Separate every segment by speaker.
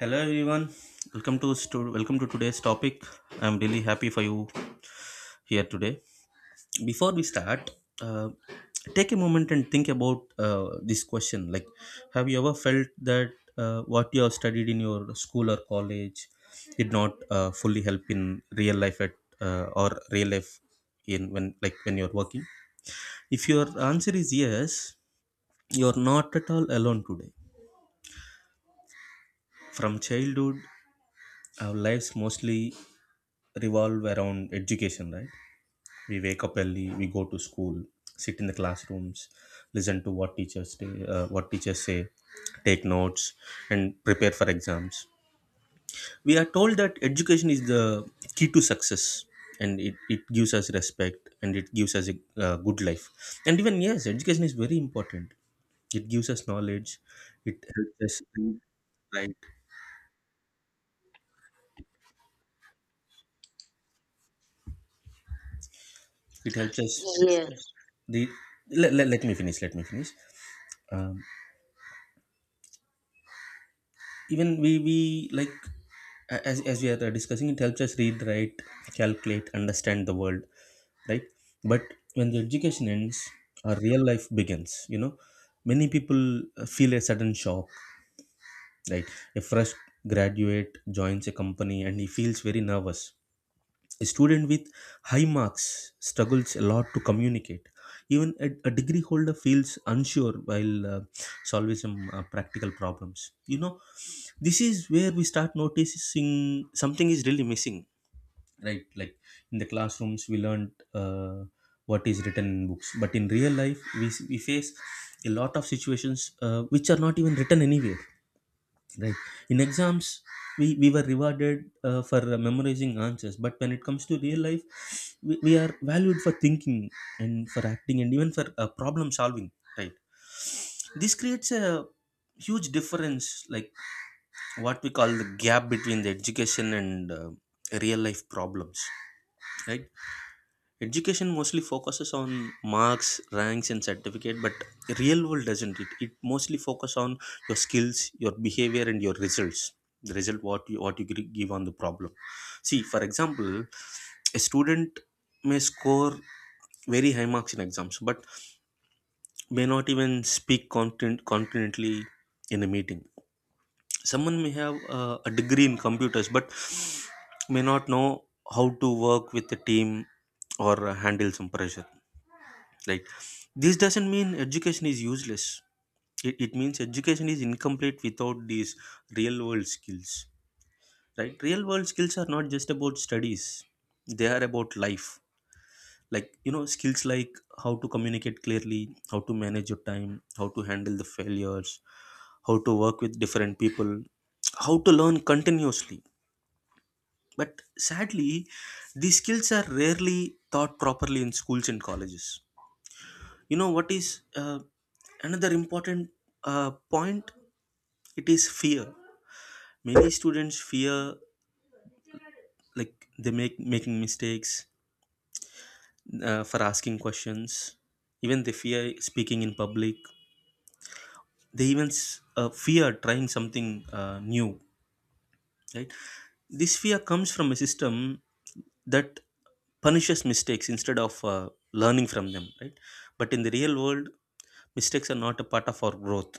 Speaker 1: Hello everyone. Welcome to today's topic. I'm really happy for you here today. Before we start, uh, take a moment and think about this question. Have you ever felt that what you have studied in your school or college did not fully help in real life at or real life in when like when you're working? If your answer is yes, you're not at all alone today. From childhood, our lives mostly revolve around education, right? We wake up early, we go to school, sit in the classrooms, listen to what teachers say, take notes, and prepare for exams. We are told that education is the key to success, and it gives us respect, and it gives us a good life. And even yes, education is very important. It gives us knowledge. It helps us read, right? It helps us.
Speaker 2: Yes.
Speaker 1: The let me finish. Let me finish. um, even we like a- as we are discussing, it helps us read, write, calculate, understand the world, right? But when the education ends, our real life begins, you know. Many people feel a sudden shock, right? A fresh graduate joins a company and he feels very nervous. A student with high marks struggles a lot to communicate. Even a degree holder feels unsure while solving some practical problems. You know, this is where we start noticing something is really missing, right? Like in the classrooms, we learned what is written in books, but in real life, we face a lot of situations which are not even written anywhere. Right. In exams, we were rewarded for memorizing answers, but when it comes to real life, we are valued for thinking and for acting and even for problem solving. Right. This creates a huge difference, like what we call the gap between the education and real life problems. Right. Education mostly focuses on marks, ranks, and certificate, but real world doesn't. It mostly focus on your skills, your behavior, and your results, the result what you give on the problem. See, for example, a student may score very high marks in exams but may not even speak confidently in a meeting. Someone may have a degree in computers but may not know how to work with a team or handle some pressure. Like, this doesn't mean education is useless. It means education is incomplete without these real world skills. Right? Real world skills are not just about studies, they are about life. Like, you know, skills like how to communicate clearly, how to manage your time, how to handle the failures, how to work with different people, how to learn continuously. But sadly, these skills are rarely taught properly in schools and colleges. You know what is another important point? It is fear. Many students fear, like, they make making mistakes, for asking questions. Even they fear speaking in public. They even fear trying something new, right? This fear comes from a system that punishes mistakes instead of learning from them, right? But in the real world, mistakes are not a part of our growth.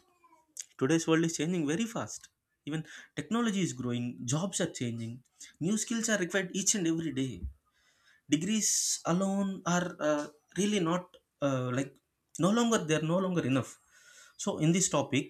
Speaker 1: Today's world is changing very fast. Even technology is growing, jobs are changing, new skills are required each and every day. Degrees alone are really not like no longer they are no longer enough. So in this topic,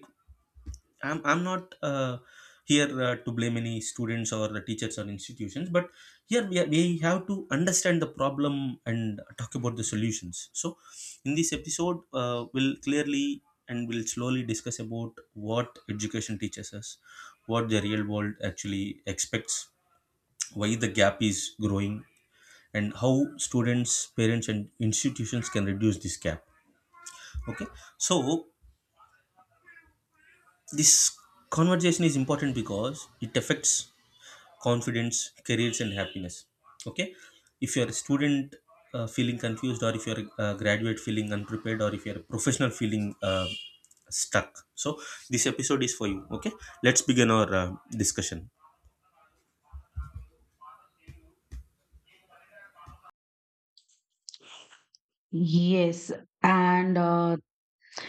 Speaker 1: I'm not here to blame any students or the teachers or institutions, but here we have to understand the problem and talk about the solutions. So, in this episode, we'll clearly and we'll slowly discuss about what education teaches us, what the real world actually expects, why the gap is growing, and how students, parents, and institutions can reduce this gap. Okay, so this conversation is important because it affects confidence, careers, and happiness. Okay, if you're a student feeling confused, or if you're a graduate feeling unprepared, or if you're a professional feeling stuck, so this episode is for you. Okay, let's begin our discussion.
Speaker 2: Yes, and uh,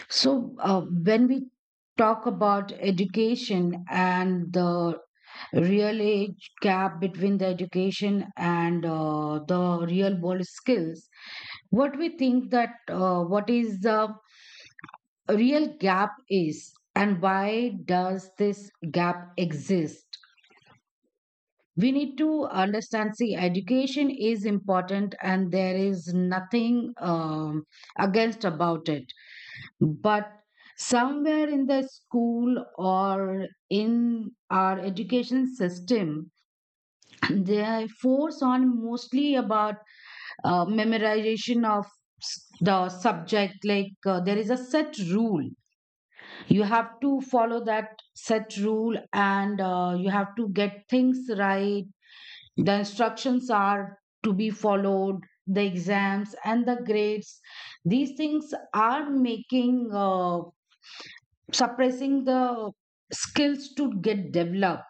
Speaker 2: so uh, when we talk about education and the real age gap between the education and the real world skills, what we think that what is the real gap is and why does this gap exist? We need to understand, see, education is important and there is nothing against about it but somewhere in the school or in our education system they force on mostly about memorization of the subject like there is a set rule. You have to follow that set rule and you have to get things right. The instructions are to be followed. The exams and the grades, these things are making suppressing the skills to get developed.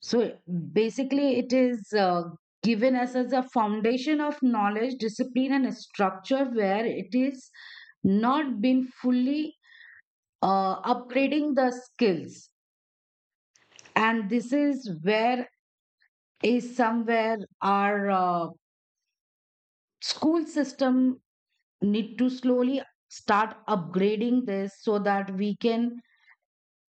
Speaker 2: So basically, it is given us as a foundation of knowledge, discipline, and a structure where it is not been fully upgrading the skills. And this is where is somewhere our school system need to slowly start upgrading this so that we can.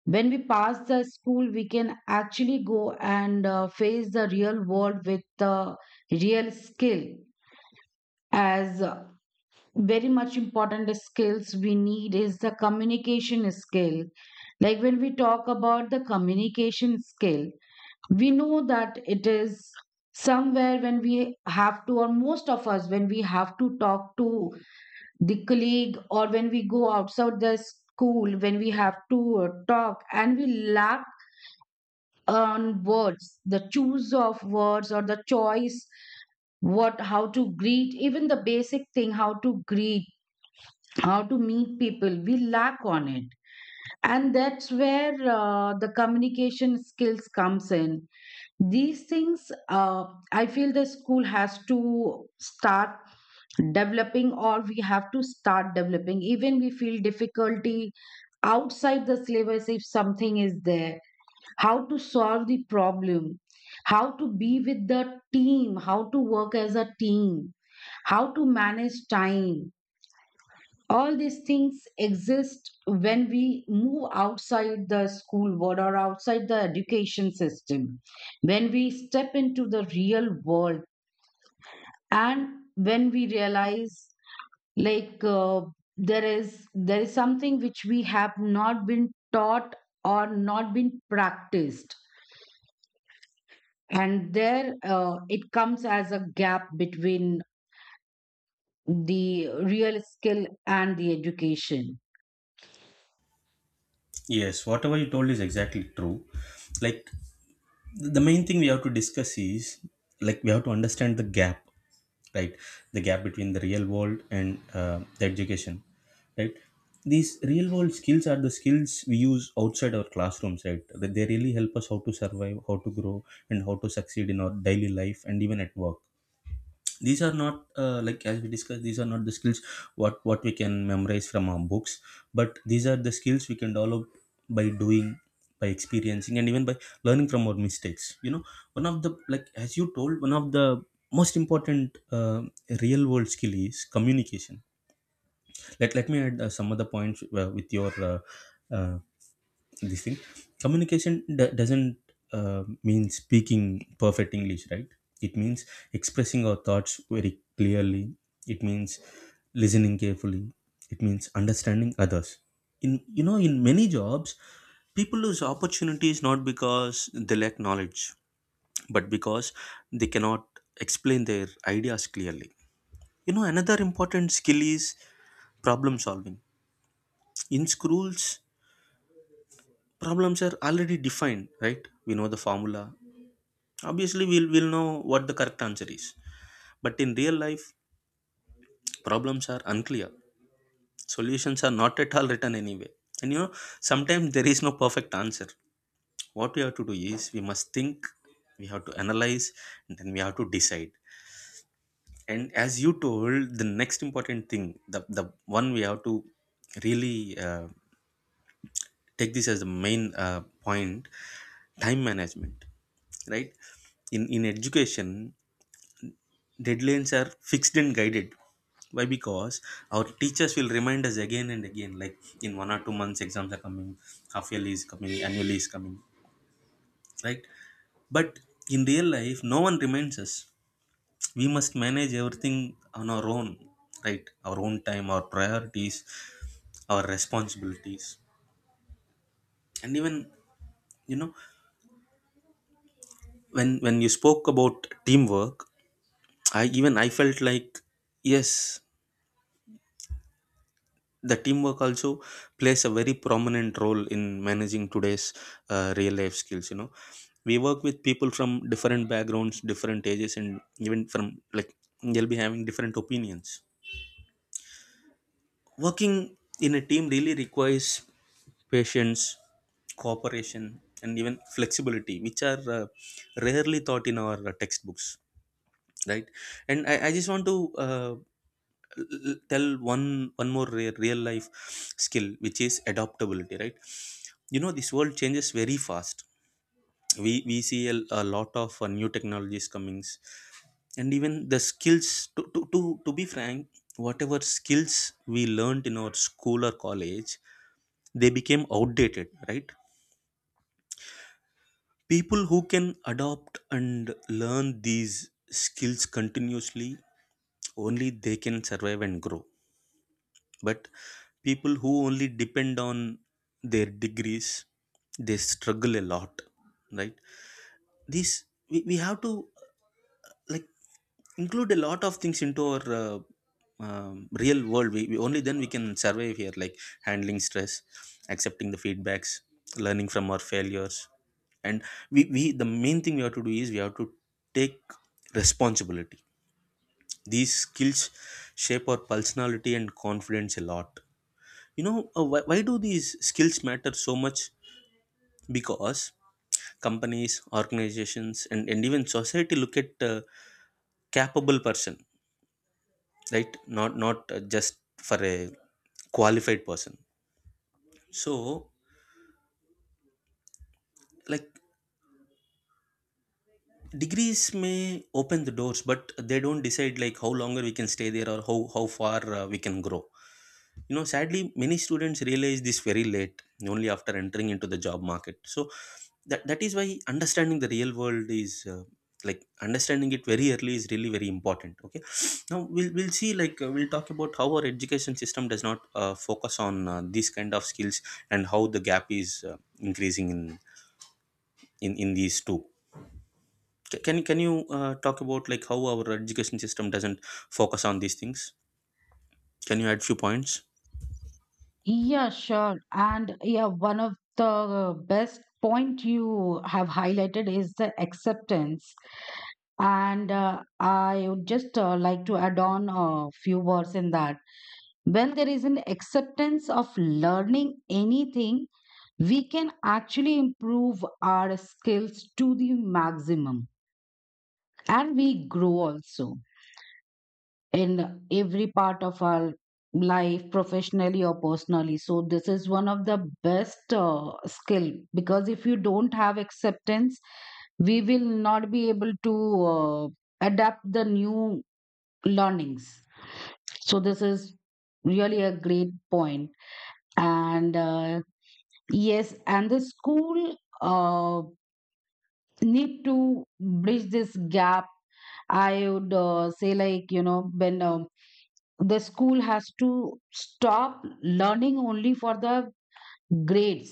Speaker 2: When we pass the school, we can actually go and face the real world with the real skill. As very much important skills we need is the communication skill. Like when we talk about the communication skill, we know that it is somewhere when we have to, or most of us, when we have to talk to the colleague or when we go outside the school, when we have to talk and we lack on words, the choose of words or the choice, what, how to greet, even the basic thing, how to greet, how to meet people, we lack on it. And that's where the communication skills comes in. These things, I feel the school has to start developing or we have to start developing. Even we feel difficulty outside the syllabus if something is there, how to solve the problem, how to be with the team, how to work as a team, how to manage time. All these things exist when we move outside the school world or outside the education system, when we step into the real world, and when we realize like there is something which we have not been taught or not been practiced, and there it comes as a gap between the real skill and the education.
Speaker 1: Yes, whatever you told is exactly true. Like, the main thing we have to discuss is, like, we have to understand the gap, right? The gap between the real world and the education, right? These real world skills are the skills we use outside our classrooms, right? That they really help us how to survive, how to grow, and how to succeed in our daily life and even at work. These are not like, as we discussed, these are not the skills what we can memorize from our books, but these are the skills we can develop by doing, by experiencing, and even by learning from our mistakes, you know. One of the like as you told, one of the most important real world skill is communication. Let me add some other points with your uh, this thing. Communication d- doesn't uh, mean speaking perfect english, right? It means expressing our thoughts very clearly. It means listening carefully. It means understanding others. In you know in many jobs, people lose opportunities not because they lack knowledge, but because they cannot explain their ideas clearly. You know, another important skill is problem solving. In schools, problems are already defined, right? We know the formula. Obviously, we'll know what the correct answer is. But in real life, problems are unclear. Solutions are not at all written anyway. And you know, sometimes there is no perfect answer. What we have to do is we must think, we have to analyze, and then we have to decide. And as you told, the next important thing, the one we have to really take this as the main point, time management, right? In education, deadlines are fixed and guided. Why? Because our teachers will remind us again and again, like in 1 or 2 months exams are coming, half yearly is coming, annually is coming, right? But in real life no one reminds us. We must manage everything on our own, right? Our own time, our priorities, our responsibilities, and even, you know, when you spoke about teamwork, I felt like, yes, the teamwork also plays a very prominent role in managing today's real life skills, you know. We work with people from different backgrounds, different ages, and even from, like, they'll be having different opinions. Working in a team really requires patience, cooperation, and even flexibility, which are rarely taught in our textbooks, right? And I just want to uh, tell one more real life skill, which is adaptability, right? You know, this world changes very fast. We see a lot of new technologies comings, and even the skills to be frank, whatever skills we learned in our school or college, they became outdated, right? People who can adopt and learn these skills continuously, only they can survive and grow. But people who only depend on their degrees, they struggle a lot, right? These we have to like, include a lot of things into our real world. We only then we can survive here, like handling stress, accepting the feedbacks, learning from our failures, and we the main thing we have to do is we have to take responsibility. These skills shape our personality and confidence a lot. You know, why do these skills matter so much? Because companies, organizations, and even society look at a capable person, right? Not not just for a qualified person. So, like, degrees may open the doors, but they don't decide like how longer we can stay there or how far we can grow. You know, sadly many students realize this very late, only after entering into the job market. So that is why understanding the real world is like, understanding it very early is really very important. Okay, now we'll see, like, we'll talk about how our education system does not focus on these kind of skills and how the gap is increasing in these two. Can you talk about like how our education system doesn't focus on these things? Can you add few points?
Speaker 2: Yeah, sure. And yeah, one of the best point you have highlighted is the acceptance. And I would just like to add on a few words in that. When there is an acceptance of learning anything, we can actually improve our skills to the maximum and we grow also in every part of our life, professionally or personally. So this is one of the best skill because if you don't have acceptance, we will not be able to uh, adapt the new learnings. So this is really a great point. And yes, and the school uh, need to bridge this gap. I would say, like, you know, when the school has to stop learning only for the grades.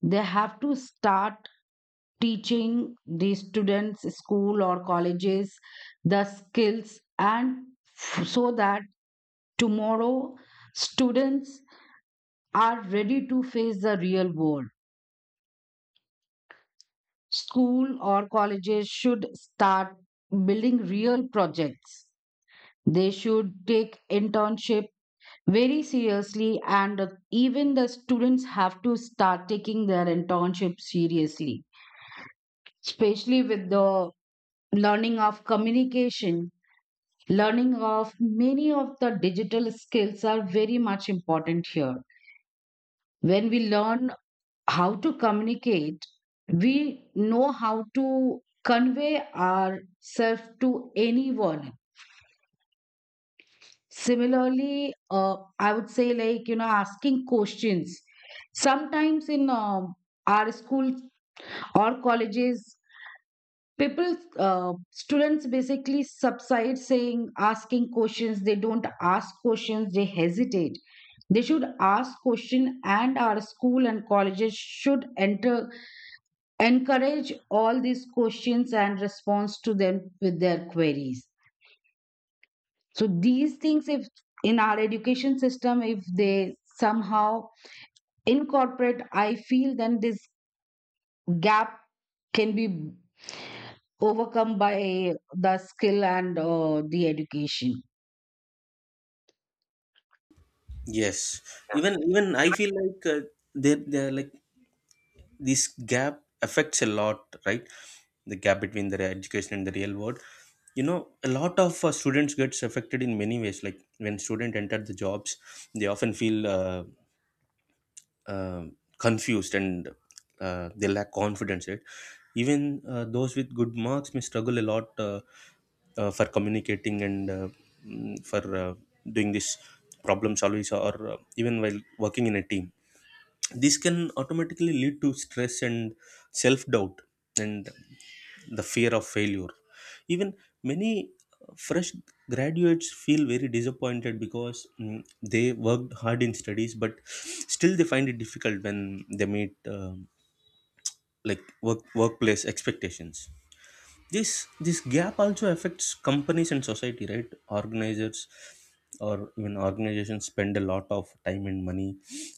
Speaker 2: They have to start teaching the students, school or colleges, the skills, and so that tomorrow students are ready to face the real world. School or colleges should start building real projects. They should take internships very seriously, and even the students have to start taking their internship seriously, especially with the learning of communication, learning of many of the digital skills are very much important here. When we learn how to communicate, we know how to convey ourselves to anyone. Similarly, I would say, like, you know, asking questions. Sometimes in our school or colleges, people, students basically subside saying, asking questions. They don't ask questions, they hesitate. They should ask question, and our school and colleges should enter encourage all these questions and response to them with their queries. So these things, if in our education system, if they somehow incorporate, I feel then this gap can be overcome by the skill and the education.
Speaker 1: Yes, even I feel like they're like this gap affects a lot, right? The gap between the education and the real world. You know, a lot of students gets affected in many ways. Like when student enter the jobs, they often feel. Confused and they lack confidence, right? Even those with good marks may struggle a lot, for communicating and for doing this problem solving or even while working in a team. This can automatically lead to stress and self doubt and the fear of failure. Even many fresh graduates feel very disappointed because, they worked hard in studies but still they find it difficult when they meet workplace expectations. This gap also affects companies and society, right? Organizers or even organizations spend a lot of time and money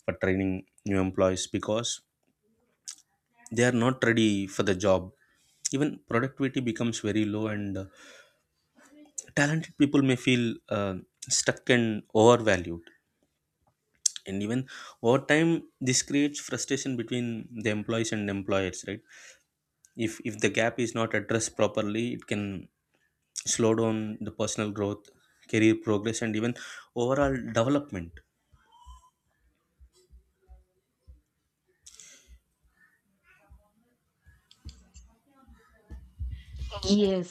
Speaker 1: for training new employees because they are not ready for the job. Even productivity becomes very low, and talented people may feel stuck and overvalued. And even over time, this creates frustration between the employees and employers, right? If the gap is not addressed properly, it can slow down the personal growth, career progress, and even overall development.
Speaker 2: Yes,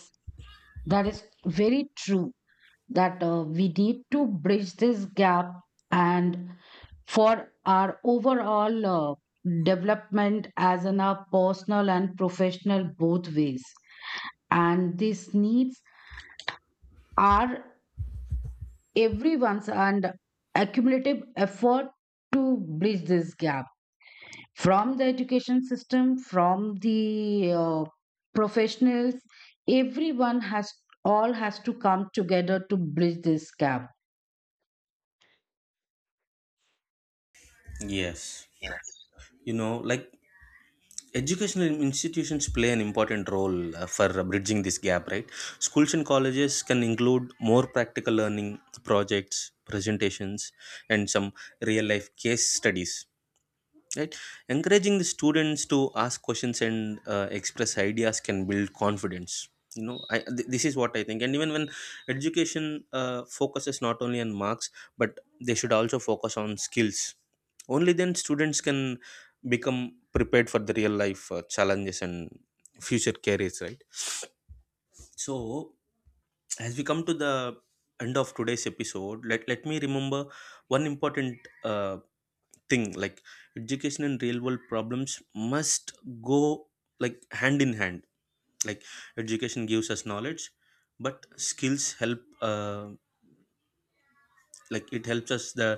Speaker 2: that is very true, that we need to bridge this gap and for our overall development as in our personal and professional both ways. And these needs are everyone's and accumulative effort to bridge this gap, from the education system, from the professionals, everyone has, all has to come together to bridge this gap.
Speaker 1: Yes, you know, like, educational institutions play an important role for bridging this gap, right? Schools and colleges can include more practical learning, projects, presentations, and some real life case studies, right? Encouraging the students to ask questions and express ideas can build confidence. You know, this is what I think. And even when education focuses not only on marks, but they should also focus on skills, only then students can become prepared for the real life challenges and future careers, right? So, as we come to the end of today's episode, let me remember one important uh, thing. Like, education and real world problems must go like hand in hand. Like, education gives us knowledge, but skills help uh, like, it helps us the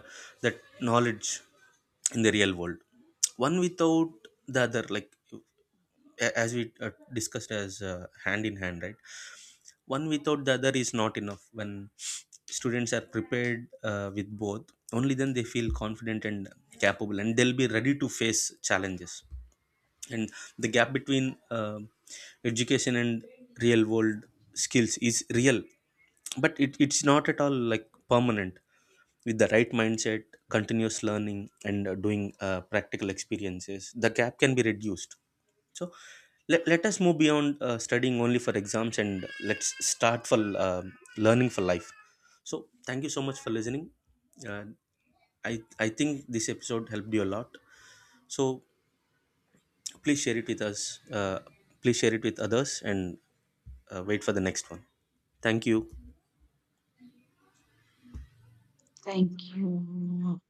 Speaker 1: that knowledge in the real world. One without the other, like, as we discussed, as hand in hand, right? One without the other is not enough. When students are prepared with both, only then they feel confident and capable, and they'll be ready to face challenges. And the gap between education and real world skills is real, but it's not at all like permanent. With the right mindset, continuous learning, and doing practical experiences, the gap can be reduced. So, let us move beyond studying only for exams, and let's start for learning for life. So thank you so much for listening. Uh, i i think this episode helped you a lot. So please share it with us, please share it with others, and wait for the next one. Thank you.
Speaker 2: Thank you.